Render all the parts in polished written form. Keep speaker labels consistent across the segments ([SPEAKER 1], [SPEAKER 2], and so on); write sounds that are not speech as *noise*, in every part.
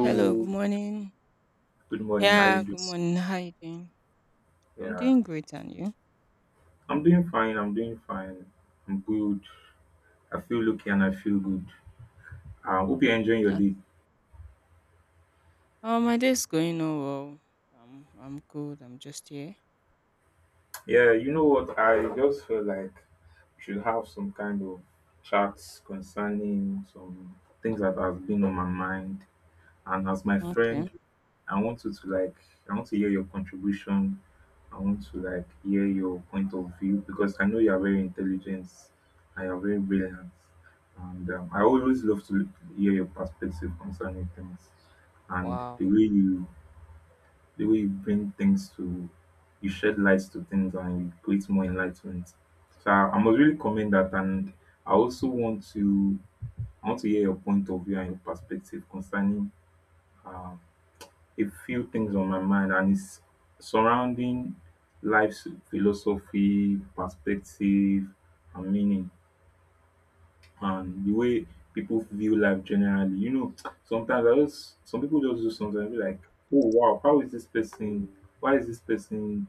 [SPEAKER 1] Hello, good morning.
[SPEAKER 2] good morning. How you
[SPEAKER 1] Yeah,
[SPEAKER 2] doing?
[SPEAKER 1] good morning. How you doing? I'm
[SPEAKER 2] Yeah,
[SPEAKER 1] doing great, and you?
[SPEAKER 2] I'm doing fine. I'm good. I feel lucky and I feel good. I hope you're enjoying your
[SPEAKER 1] That's
[SPEAKER 2] day.
[SPEAKER 1] oh, my day's going on well. I'm good. I'm just here.
[SPEAKER 2] Yeah, you know what? I just feel like we should have some kind of chats concerning some things that have been on my mind. And as my
[SPEAKER 1] Okay.
[SPEAKER 2] friend, I want you to like, I want to hear your contribution. I want to like hear your point of view because I know you are very intelligent and you are very brilliant. And I always love to hear your perspective concerning things and
[SPEAKER 1] Wow.
[SPEAKER 2] the way you bring things to you shed lights to things and you create more enlightenment. So I must really commend that, and I also want to I want to hear your point of view and your perspective concerning a few things on my mind, and it's surrounding life's philosophy, perspective, and meaning, and the way people view life generally. You know, sometimes I just some people just do something and be like, oh wow, how is this person? Why is this person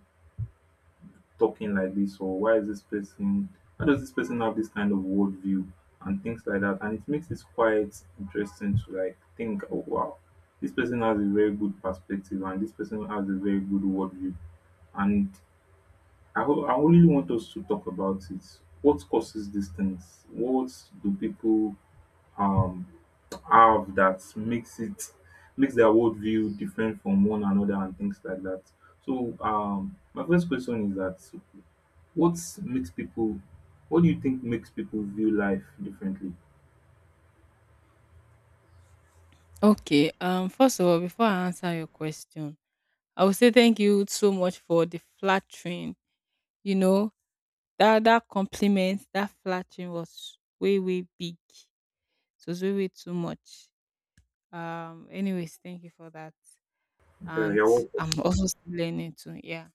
[SPEAKER 2] talking like this? Or why is this person why does this person have this kind of worldview and things like that? And it makes it quite interesting to like think, oh wow, this person has a very good perspective and this person has a very good worldview. And I really want us to talk about it. What causes these things? What do people um have that makes it makes their worldview different from one another and things like that? So my first question is that what makes people, what do you think makes people view life differently?
[SPEAKER 1] Okay. First of all, before I answer your question, I would say thank you so much for the flattering. You know that compliment, that flattering was way big. It was way too much. Anyways, thank you for that. And
[SPEAKER 2] You're
[SPEAKER 1] I'm also still learning too. Yeah.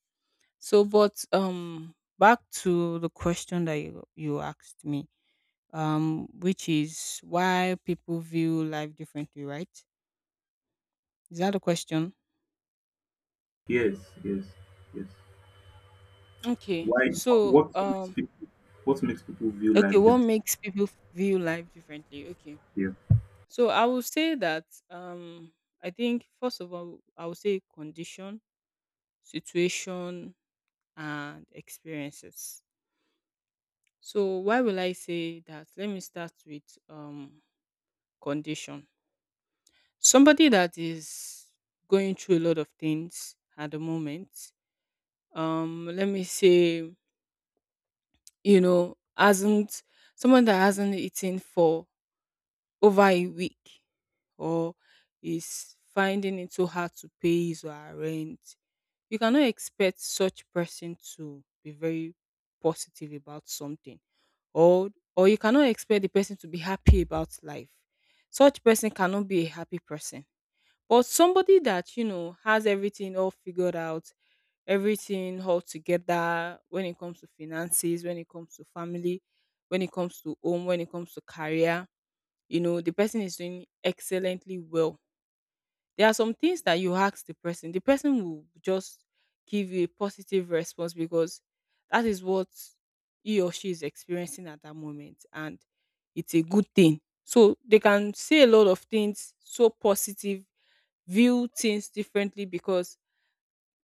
[SPEAKER 1] So, but back to the question that you asked me, which is why people view life differently, right? Is that the question?
[SPEAKER 2] Yes, yes, yes.
[SPEAKER 1] Okay.
[SPEAKER 2] Why? What makes people, what makes people view
[SPEAKER 1] Okay,
[SPEAKER 2] life
[SPEAKER 1] what
[SPEAKER 2] differently?
[SPEAKER 1] makes people view life differently? Okay.
[SPEAKER 2] Yeah.
[SPEAKER 1] So, I will say that I think first of all, I will say condition, situation, and experiences. So, why will I say that? Let me start with um condition. Somebody that is going through a lot of things at the moment, let me say, you know, hasn't someone that hasn't eaten for over a week or is finding it so hard to pay his or her rent, you cannot expect such person to be very positive about something. Or or you cannot expect the person to be happy about life. Such person cannot be a happy person. But somebody that, you know, has everything all figured out, everything all together when it comes to finances, when it comes to family, when it comes to home, when it comes to career, you know, the person is doing excellently well. There are some things that you ask the person will just give you a positive response because that is what he or she is experiencing at that moment. And it's a good thing. So they can say a lot of things so positive, view things differently because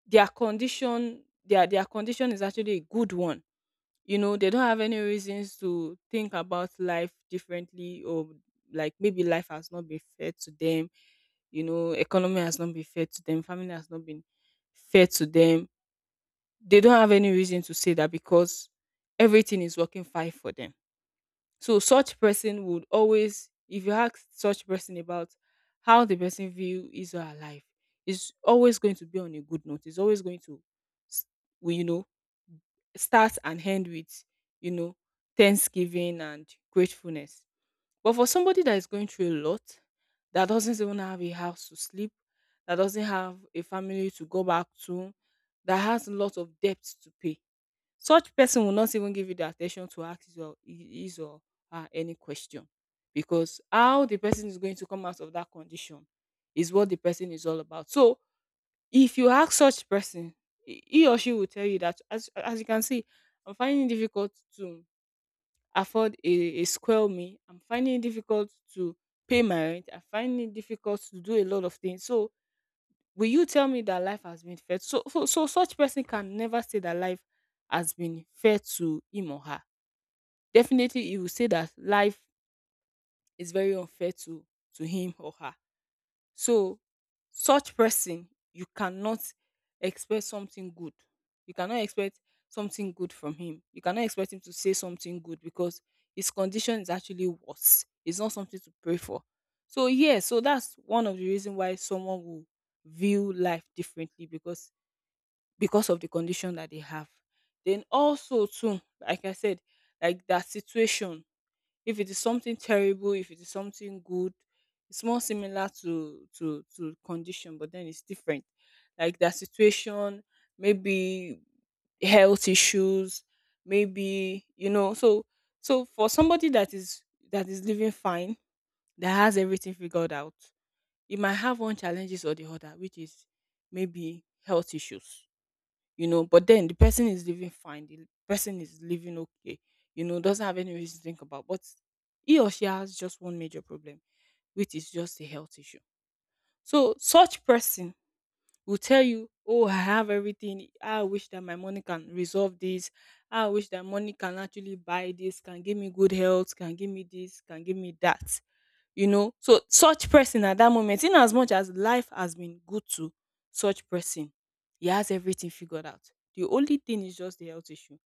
[SPEAKER 1] their condition, their condition is actually a good one. You know, they don't have any reasons to think about life differently, or like maybe life has not been fair to them, you know, economy has not been fair to them, family has not been fair to them. They don't have any reason to say that because everything is working fine for them. So such person would always, if you ask such person about how the person view his or her life, is always going to be on a good note. It's always going to, s- you know, start and end with, you know, thanksgiving and gratefulness. But for somebody that is going through a lot, that doesn't even have a house to sleep, that doesn't have a family to go back to, that has a lot of debts to pay, such person will not even give you the attention to ask his or her any question because how the person is going to come out of that condition is what the person is all about. So if you ask such person, he or she will tell you that as you can see, I'm finding it difficult to afford a square meal. I'm finding it difficult to pay my rent. I'm finding it difficult to do a lot of things. So will you tell me that life has been fair? So such person can never say that life has been fair to him or her. Definitely, he will say that life is very unfair to him or her. So, such person, you cannot expect something good. You cannot expect something good from him. You cannot expect him to say something good because his condition is actually worse. It's not something to pray for. So yeah, so that's one of the reason why someone will view life differently because of the condition that they have. Then also too, like I said, like that situation, if it is something terrible, if it is something good, it's more similar to condition, but then it's different. Like that situation, maybe health issues, maybe you know. So so for somebody that is living fine, that has everything figured out, you might have one challenges or the other, which is maybe health issues, you know, but then the person is living fine, the person is living okay, you know, doesn't have any reason to think about, but he or she has just one major problem, which is just a health issue. So such person will tell you, "Oh, I have everything. I wish that my money can resolve this. I wish that money can actually buy this, can give me good health, can give me this, can give me that." You know, so such person at that moment, in as much as life has been good to such person, he has everything figured out. The only thing is just the health issue.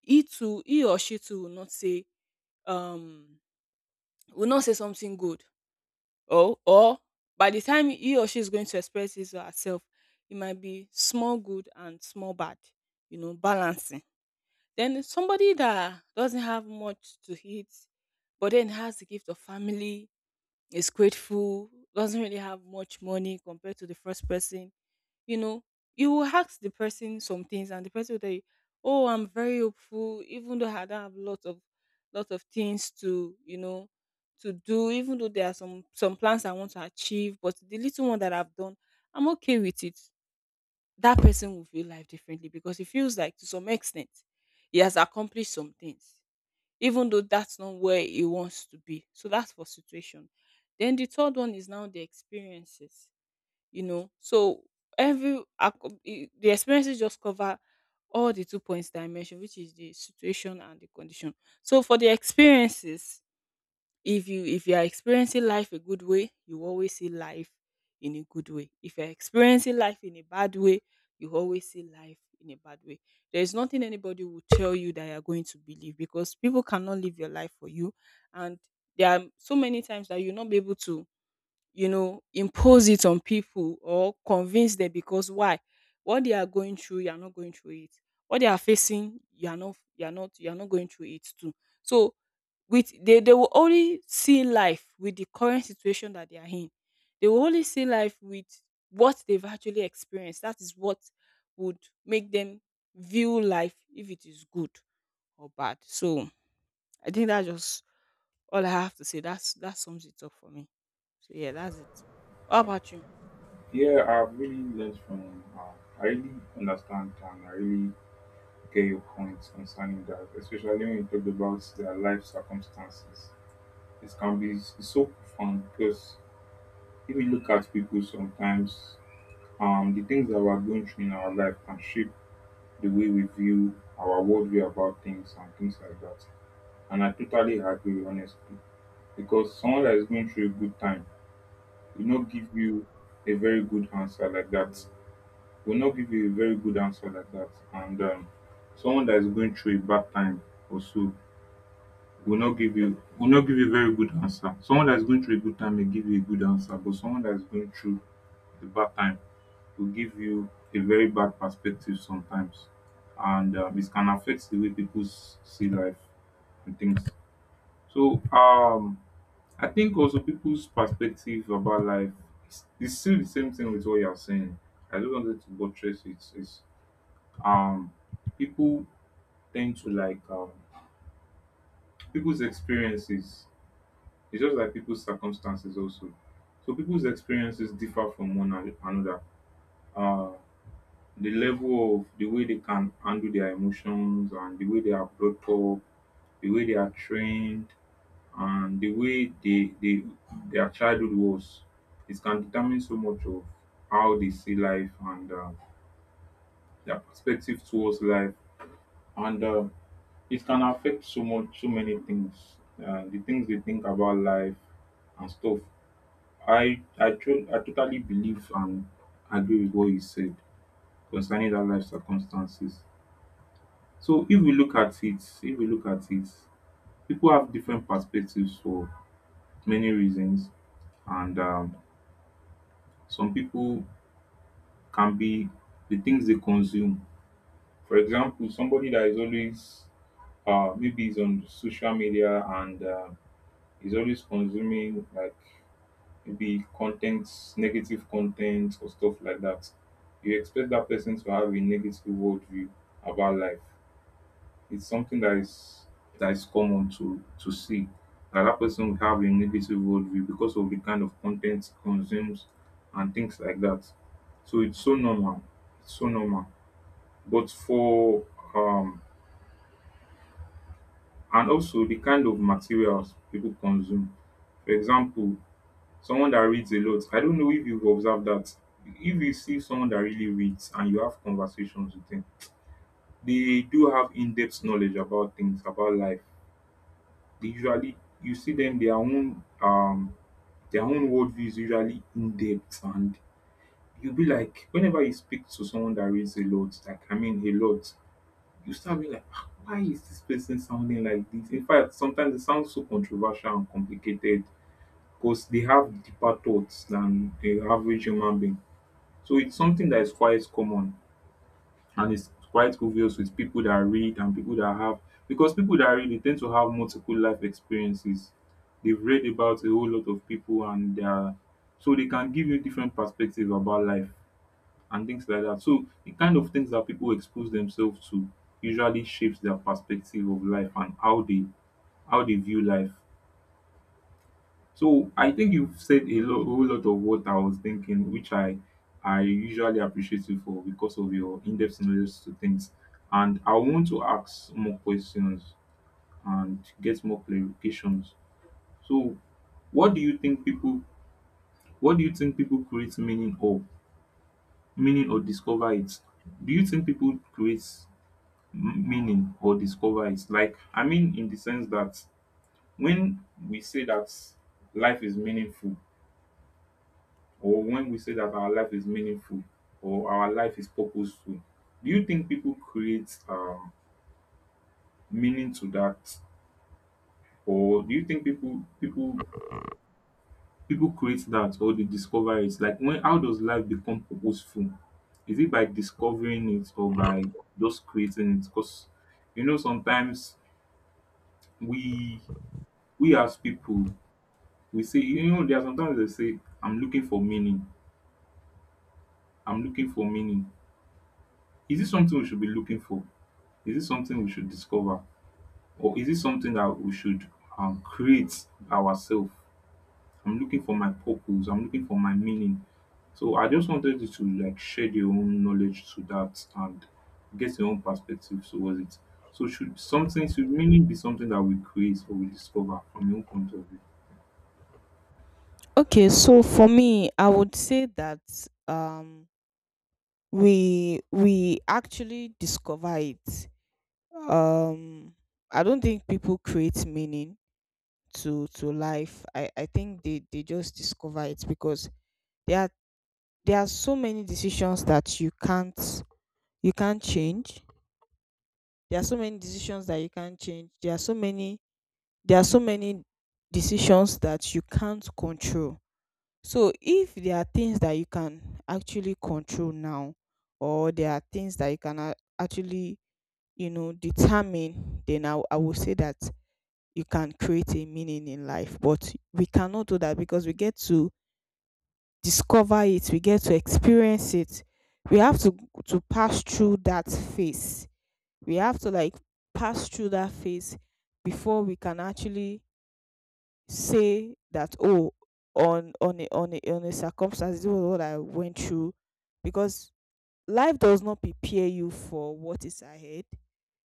[SPEAKER 1] He too, he or she too um, will not say something good, or by the time he or she is going to express his or herself, it might be small good and small bad, you know, balancing. Then somebody that doesn't have much to eat, but then has the gift of family, is grateful, doesn't really have much money compared to the first person, you know, you will ask the person some things and the person will tell you, oh, I'm very hopeful, even though I don't have lots of things to, you know, to do, even though there are some plans I want to achieve, but the little one that I've done, I'm okay with it. That person will feel life differently because it feels like to some extent he has accomplished some things, even though that's not where he wants to be. So that's for situation. Then the third one is now the experiences, you know. So the experiences just cover all the two points that I mentioned, which is the situation and the condition. So for the experiences, if you are experiencing life a good way, you always see life in a good way. If you're experiencing life in a bad way, you always see life in a bad way. There is nothing anybody will tell you that you're going to believe because people cannot live your life for you. And there are so many times that you'll not be able to, you know, impose it on people or convince them because why? What they are going through, you are not going through it. What they are facing, you are not going through it too. So with they will only see life with the current situation that they are in. They will only see life with what they've actually experienced. That is what would make them view life if it is good or bad. So I think that's just all I have to say, that's that sums it up for me. So yeah, that's it. How about you?
[SPEAKER 2] Yeah, I've really learned from. I really understand and I really get your points concerning that, especially when you talk about their life circumstances. It can be so profound because if you look at people sometimes, the things that we're going through in our life can shape the way we view our worldview about things and things like that. And I totally agree, honestly, because someone that is going through a good time will not give you a very good answer like that. Will not give you a very good answer like that. And someone that is going through a bad time also will not give you a very good answer. Someone that is going through a good time may give you a good answer, but someone that is going through a bad time will give you a very bad perspective sometimes, and it can affect the way people see life and things. So I think also people's perspective about life is still the same thing with what you are saying. I don't want to buttress it. Um, people tend to like people's experiences. It's just like people's circumstances also. So people's experiences differ from another. Uh, the level of the way they can handle their emotions, and the way they are brought up, the way they are trained, and the way they their childhood was. It can determine so much of how they see life, and their perspective towards life, and it can affect so much, so many things. The things they think about life and stuff. I totally believe and agree with what you said concerning that life circumstances. So if we look at it if we look at it, people have different perspectives for many reasons. And some people can be the things they consume. For example, somebody that is always maybe is on social media, and is always consuming like maybe content, negative content or stuff like that. You expect that person to have a negative worldview about life. It's something that is common to see that that person will have a negative worldview because of the kind of content he consumes and things like that. So it's so normal. It's so normal. But for um and also the kind of materials people consume. For example, someone that reads a lot. I don't know if you've observed that. If you see someone that really reads and you have conversations with them, they do have in-depth knowledge about things, about life. They usually you see them their own worldview is usually in depth. And you'll be like, whenever you speak to someone that reads a lot, like I mean a lot, you start being like, "Ah, why is this person sounding like this?" In fact, sometimes it sounds so controversial and complicated because they have deeper thoughts than the average human being. So it's something that is quite common, and it's quite obvious with people that read and people that have because people that read, they tend to have multiple life experiences. They've read about a whole lot of people and they are, so they can give you different perspectives about life and things like that. So the kind of things that people expose themselves to usually shapes their perspective of life and how they view life. So I think you've said a whole lot of what I was thinking, which I usually appreciate you for, because of your in-depth knowledge to things. And I want to ask more questions and get more clarifications. So, what do you think people? What do you think people create meaning of? Meaning or discover it? Do you think people create meaning or discover it? Like I mean, in the sense that when we say that life is meaningful, or when we say that our life is meaningful or our life is purposeful, do you think people create meaning to that, or do you think people create that or they discover it? Like when, how does life become purposeful? Is it by discovering it or by just creating it? Because you know sometimes we we as people we say, you know, there are sometimes they say, I'm looking for meaning. I'm looking for meaning. Is this something we should be looking for? Is it something we should discover, or is it something that we should create ourselves? I'm looking for my purpose. I'm looking for my meaning. So I just wanted you to like share your own knowledge to that and get your own perspective towards it. So should meaning be something that we create or we discover from your own point of view?
[SPEAKER 1] Okay, so for me, I would say that um we actually discover it. Um I don't think people create meaning to life. I think they just discover it because there are there are so many decisions that you can't change. There are so many decisions that you can't change. There are so many decisions that you can't control. So if there are things that you can actually control now, or there are things that you can actually, you know, determine, then I will say that you can create a meaning in life. But we cannot do that because we get to discover it, we get to experience it. We have to pass through that phase. We have to like pass through that phase before we can actually say that oh, on a circumstance this was what I went through because life does not prepare you for what is ahead,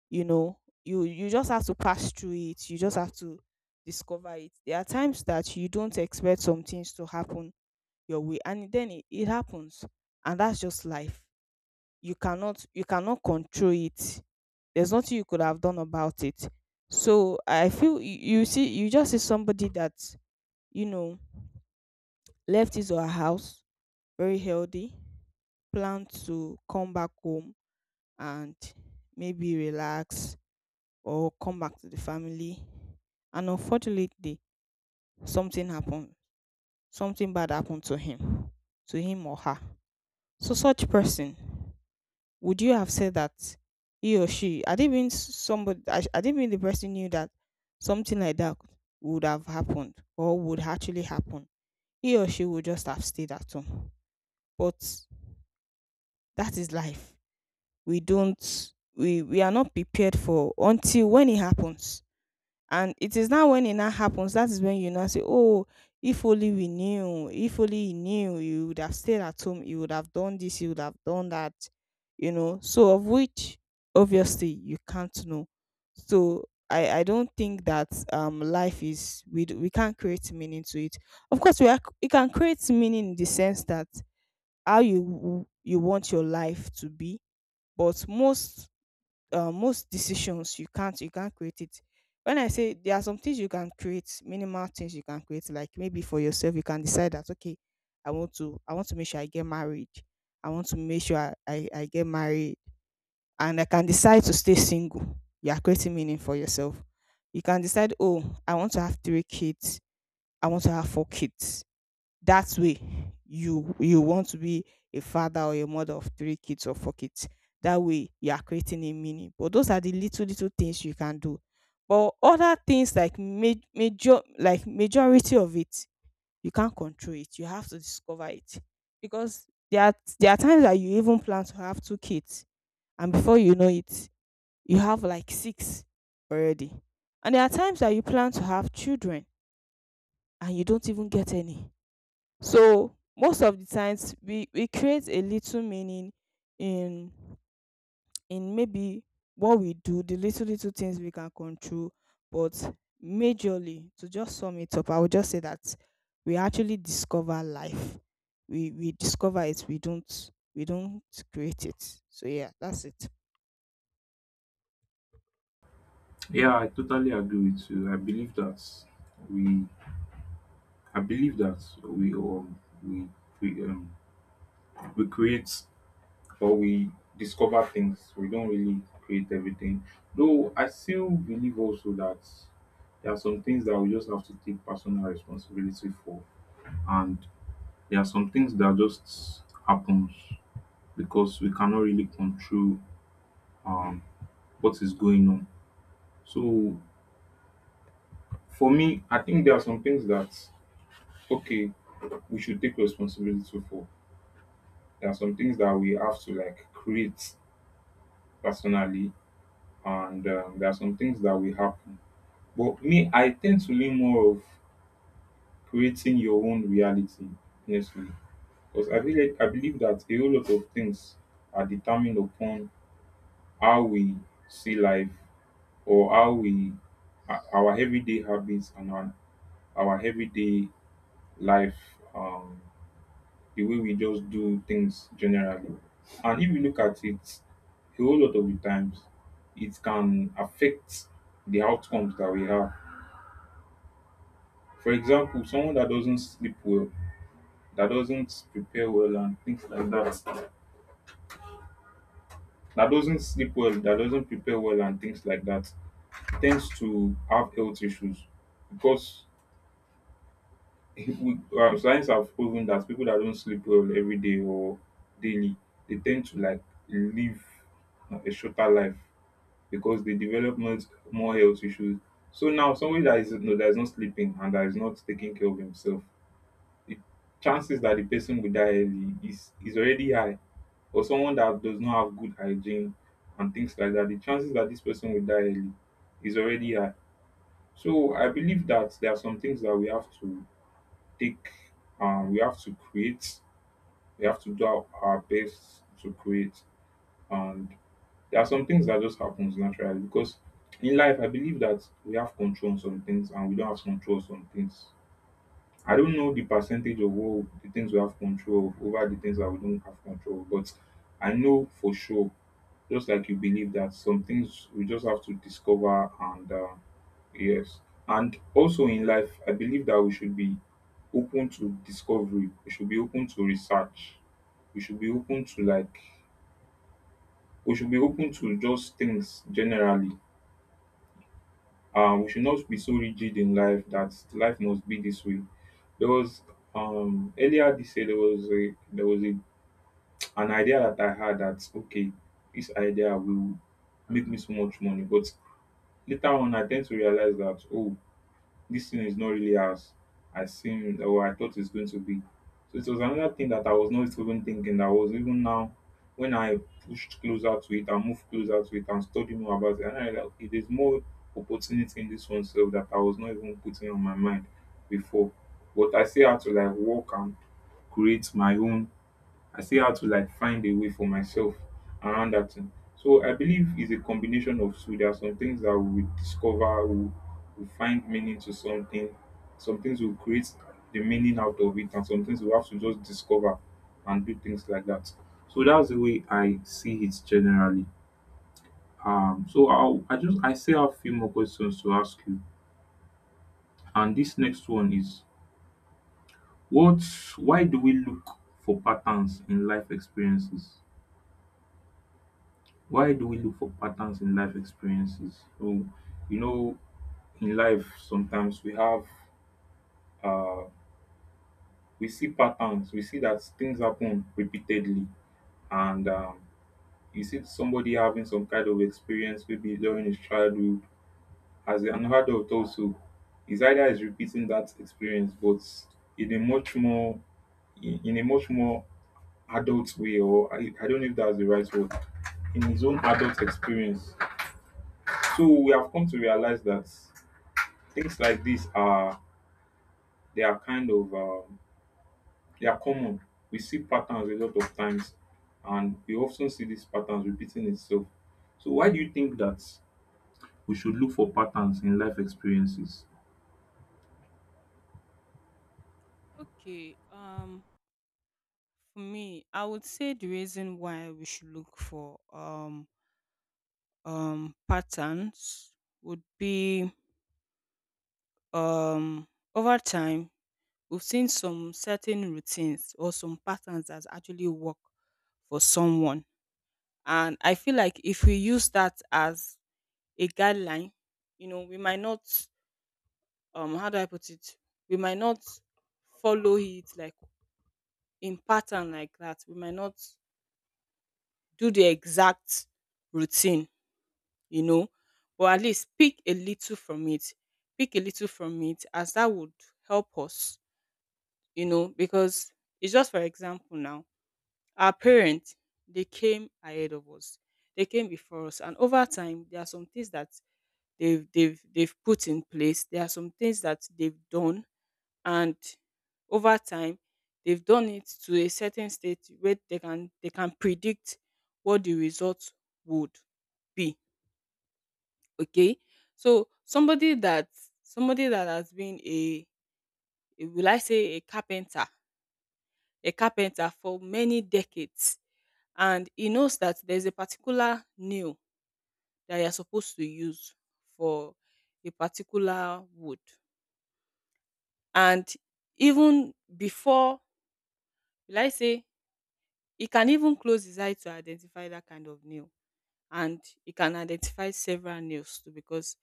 [SPEAKER 1] you know. You just have to pass through it, you just have to discover it. There are times that you don't expect some things to happen your way and then it happens, and that's just life. You cannot control it. There's nothing you could have done about it. So I feel you, you see, you just see somebody that, you know, left his or her house very healthy, plan to come back home and maybe relax or come back to the family. And unfortunately, something happened. Something bad happened to him or her. So, such person, would you have said that he or she? I didn't mean somebody. I didn't mean the person knew that something like that would have happened or would actually happen. He or she would just have stayed at home. But that is life. We don't we are not prepared for until when it happens. And it is now when it now happens, that is when you now say, oh, if only we knew, if only he knew, he would have stayed at home, he would have done this, he would have done that, So of which obviously you can't know. So I don't think that life is we can't create meaning to it. Of course we can create meaning in the sense that you want your life to be, but most most decisions you can't create it. When I say there are some things you can create, minimal things you can create, like maybe for yourself, you can decide that okay, I want to make sure I get married, I want to make sure I get married. And I can decide to stay single. You are creating meaning for yourself. You can decide, oh, I want to have three kids, I want to have four kids. That way you want to be a father or a mother of three kids or four kids. That way you are creating a meaning, but those are the little little things you can do. But other things major like majority of it, you can't control it, you have to discover it. Because there are times that you even plan to have two kids, and before you know it, you have like six already. And there are times that you plan to have children and you don't even get any. So most of the times we create a little meaning in in maybe what we do, the little little things we can control, but majorly, to just sum it up, I would just say that we actually discover life. We discover it. We don't create it. So yeah, that's it.
[SPEAKER 2] Yeah, I totally agree with you. I believe that we I believe that we we um we create. But we discover things. We don't really create everything. Though I still believe also that there are some things that we just have to take personal responsibility for, and there are some things that just happens because we cannot really control um, what is going on. So for me, I think there are some things that okay we should take responsibility for. There are some things that we have to like create personally, and there are some things that will happen. But me, I tend to lean more of creating your own reality, honestly, because I feel like I believe that a whole lot of things are determined upon how we see life, or how we our everyday habits and our everyday life, um, the way we just do things generally. And if you look at it, a whole lot of the times, it can affect the outcomes that we have. For example, someone that doesn't sleep well, that doesn't prepare well and things like that, that doesn't sleep well, that doesn't prepare well and things like that, tends to have health issues because if we, science have proven that people that don't sleep well every day or daily, they tend to like live a shorter life because they develop more health issues. So now somebody that is no, that is not sleeping and that is not taking care of himself, the chances that the person will die early is already high. Or someone that does not have good hygiene and things like that, the chances that this person will die early is already high. So I believe that there are some things that we have to take, we have to create, we have to do our best to create, and there are some things that just happens naturally because in life I believe that we have control on some things and we don't have control on some things. I don't know the percentage of all the things we have control of over the things that we don't have control of, but I know for sure, just like you believe, that some things we just have to discover and yes and also in life I believe that we should be open to discovery, we should be open to research, we should be open to we should be open to just things generally. We should not be so rigid in life that life must be this way. There was Earlier this year there was a an idea that I had that okay, this idea will make me so much money, but later on I tend to realize that, oh, this thing is not really as I seemed or I thought it's going to be. So it was another thing that I was not even thinking that was, even now when I pushed closer to it, I moved closer to it and studied more about it. And I realized okay, there's more opportunity in this one self that I was not even putting on my mind before. But I still had to like work and create my own. I still had to like find a way for myself around that thing. So I believe it's a combination of two. There are some things that we discover, we find meaning to something. Some things will create the meaning out of it, and some things we have to just discover and do things like that. So that's the way I see it generally. So I just I still have a few more questions to ask you, and this next one is what? Why do we look for patterns in life experiences? Why do we look for patterns in life experiences? So, you know, in life, sometimes we have, uh, we see patterns. We see that things happen repeatedly, and you see somebody having some kind of experience, maybe during his childhood, as an adult also. His either is repeating that experience, but in a much more, in a much more adult way, or I don't know if that's the right word, in his own adult experience. So we have come to realize that things like this are, they are kind of they are common. We see patterns a lot of times, and we often see these patterns repeating itself. So why do you think that we should look for patterns in life experiences?
[SPEAKER 1] Okay, for me, I would say the reason why we should look for patterns would be um over time we've seen some certain routines or some patterns that actually work for someone, and I feel like if we use that as a guideline, you know, we might not, how do I put it, we might not follow it like in pattern like that, we might not do the exact routine, you know, but at least pick a little from it, pick a little from it, as that would help us, you know, because it's just for example now, our parents, they came ahead of us. They came before us. And over time, there are some things that they've put in place. There are some things that they've done. And over time, they've done it to a certain state where they can predict what the result would be. Okay. So somebody that, somebody that has been a will I say a carpenter, a carpenter for many decades, and he knows that there's a particular nail that you're supposed to use for a particular wood. And even before, will I say, he can even close his eye to identify that kind of nail. And he can identify several nails too because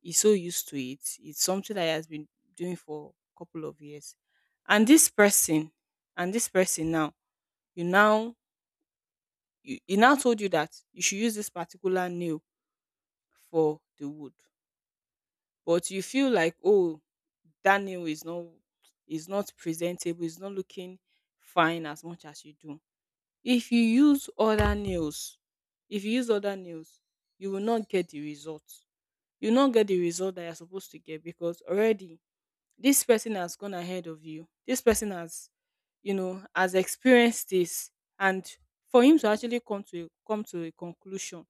[SPEAKER 1] he's so used to it. It's something that he has been doing for a couple of years. And this person, and this person now, you now you, he now told you that you should use this particular nail for the wood, but you feel like, "Oh, that nail is not, is not presentable, it's not looking fine as much as you do." If you use other nails, if you use other nails, you will not get the result. You will not get the result that you're supposed to get because already this person has gone ahead of you. This person has, you know, has experienced this, and for him to actually come to a conclusion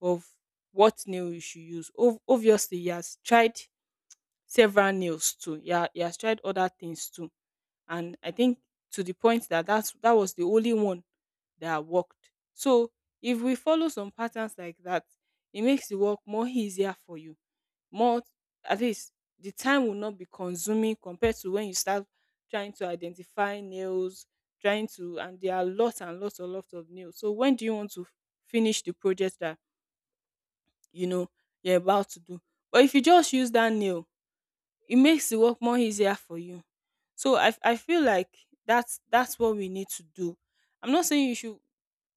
[SPEAKER 1] of what nail you should use. Obviously, he has tried several nails too. Yeah, he has tried other things too, and I think to the point that that's, that was the only one that worked. So if we follow some patterns like that, it makes the work more easier for you. More, at least the time will not be consuming compared to when you start trying to identify nails, trying to, and there are lots and lots and lots of nails. So when do you want to finish the project that you know you're about to do. But if you just use that nail, it makes the work more easier for you. So I feel like that's what we need to do. I'm not saying you should.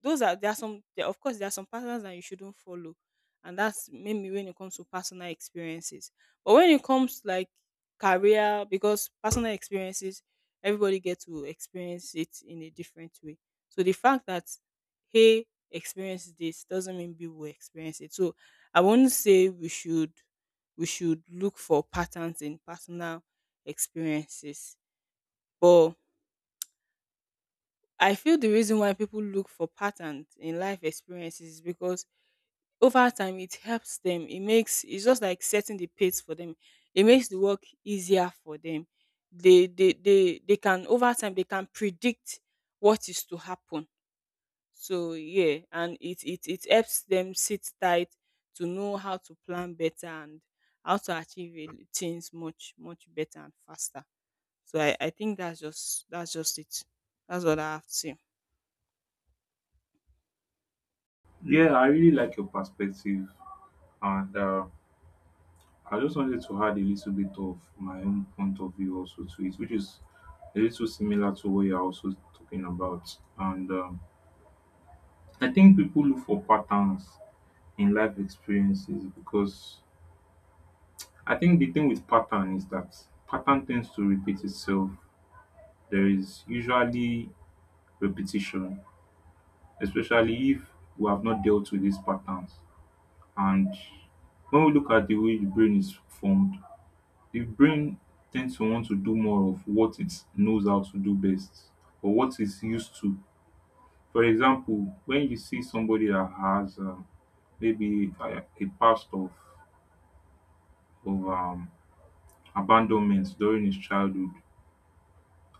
[SPEAKER 1] Those are, there are some there, of course there are some patterns that you shouldn't follow, and that's maybe when it comes to personal experiences. But when it comes like career, because personal experiences, everybody gets to experience it in a different way. So the fact that he experienced this doesn't mean people will experience it. So I won't say we should, we should look for patterns in personal experiences. But I feel the reason why people look for patterns in life experiences is because over time it helps them. It makes, it's just like setting the pace for them. It makes the work easier for them. They can over time, they can predict what is to happen. So yeah, and it helps them sit tight to know how to plan better and how to things much much better and faster. So I think that's just, that's just it. That's what I have to say.
[SPEAKER 2] Yeah, I really like your perspective, and I just wanted to add a little bit of my own point of view also to it, which is a little similar to what you're also talking about. And I think people look for patterns in life experiences because I think the thing with pattern is that pattern tends to repeat itself. There is usually repetition, especially if we have not dealt with these patterns. And when we look at the way the brain is formed, the brain tends to want to do more of what it knows how to do best or what it's used to. For example, when you see somebody that has maybe a past of, of um, abandonment during his childhood,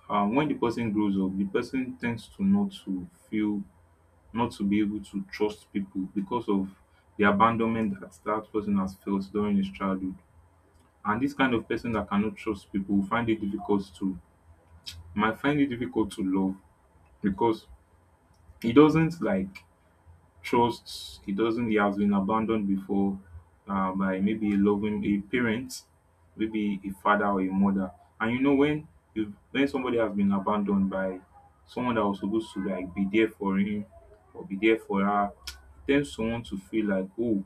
[SPEAKER 2] when the person grows up the person tends to not to feel, not to be able to trust people because of the abandonment that that person has felt during his childhood, and this kind of person that cannot trust people will find it difficult to, might find it difficult to love, because he doesn't like trusts, he doesn't, he has been abandoned before, by maybe a loving a parent, maybe a father or a mother. And you know when you when somebody has been abandoned by someone that was supposed to like be there for him or be there for her, *tsk* it tends to want to feel like, oh,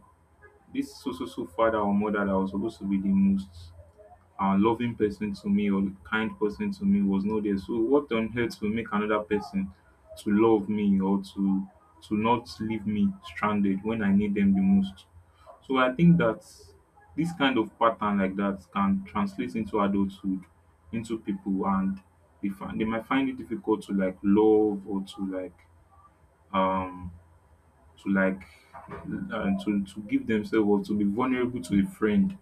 [SPEAKER 2] this so so so father or mother that was supposed to be the most loving person to me or the kind person to me was not there. So what on earth will make another person to love me or to not leave me stranded when I need them the most? So I think that this kind of pattern like that can translate into adulthood, into people, and they find, they might find it difficult to like love or to like um to like and to give themselves or to be vulnerable to a friend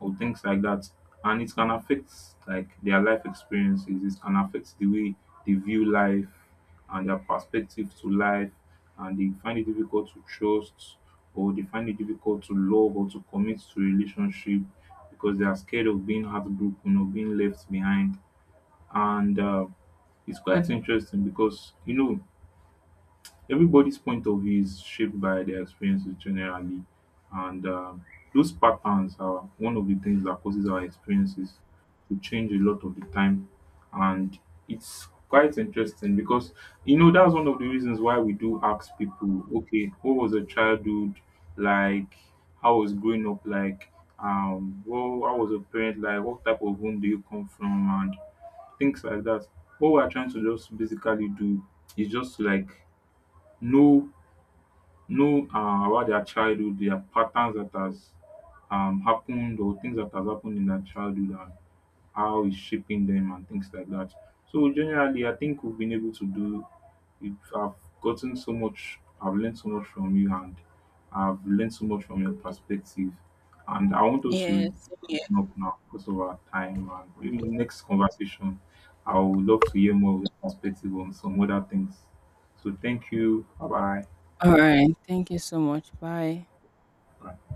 [SPEAKER 2] or things like that, and it can affect like their life experiences, it can affect the way they view life and their perspective to life, and they find it difficult to trust, or they find it difficult to love or to commit to a relationship because they are scared of being heartbroken or being left behind. And it's quite interesting because you know everybody's point of view is shaped by their experiences generally, and those patterns are one of the things that causes our experiences to change a lot of the time. And it's quite interesting because you know that's one of the reasons why we do ask people, okay, what was your childhood like, how was growing up like, well how was your parent like, what type of home do you come from, and things like that. What we're trying to just basically do is just like know know about their childhood, their patterns that has happened or things that has happened in their childhood and how it's shaping them and things like that. So generally, I think we've been able to do. I've gotten so much. I've learned so much from you, and I've learned so much from your perspective. And I want us to
[SPEAKER 1] Yes. Yeah.
[SPEAKER 2] open up now because of our time. And maybe in the next conversation, I would love to hear more of your perspective on some other things. So thank you. Bye
[SPEAKER 1] All right. Thank you so much. Bye.
[SPEAKER 2] bye.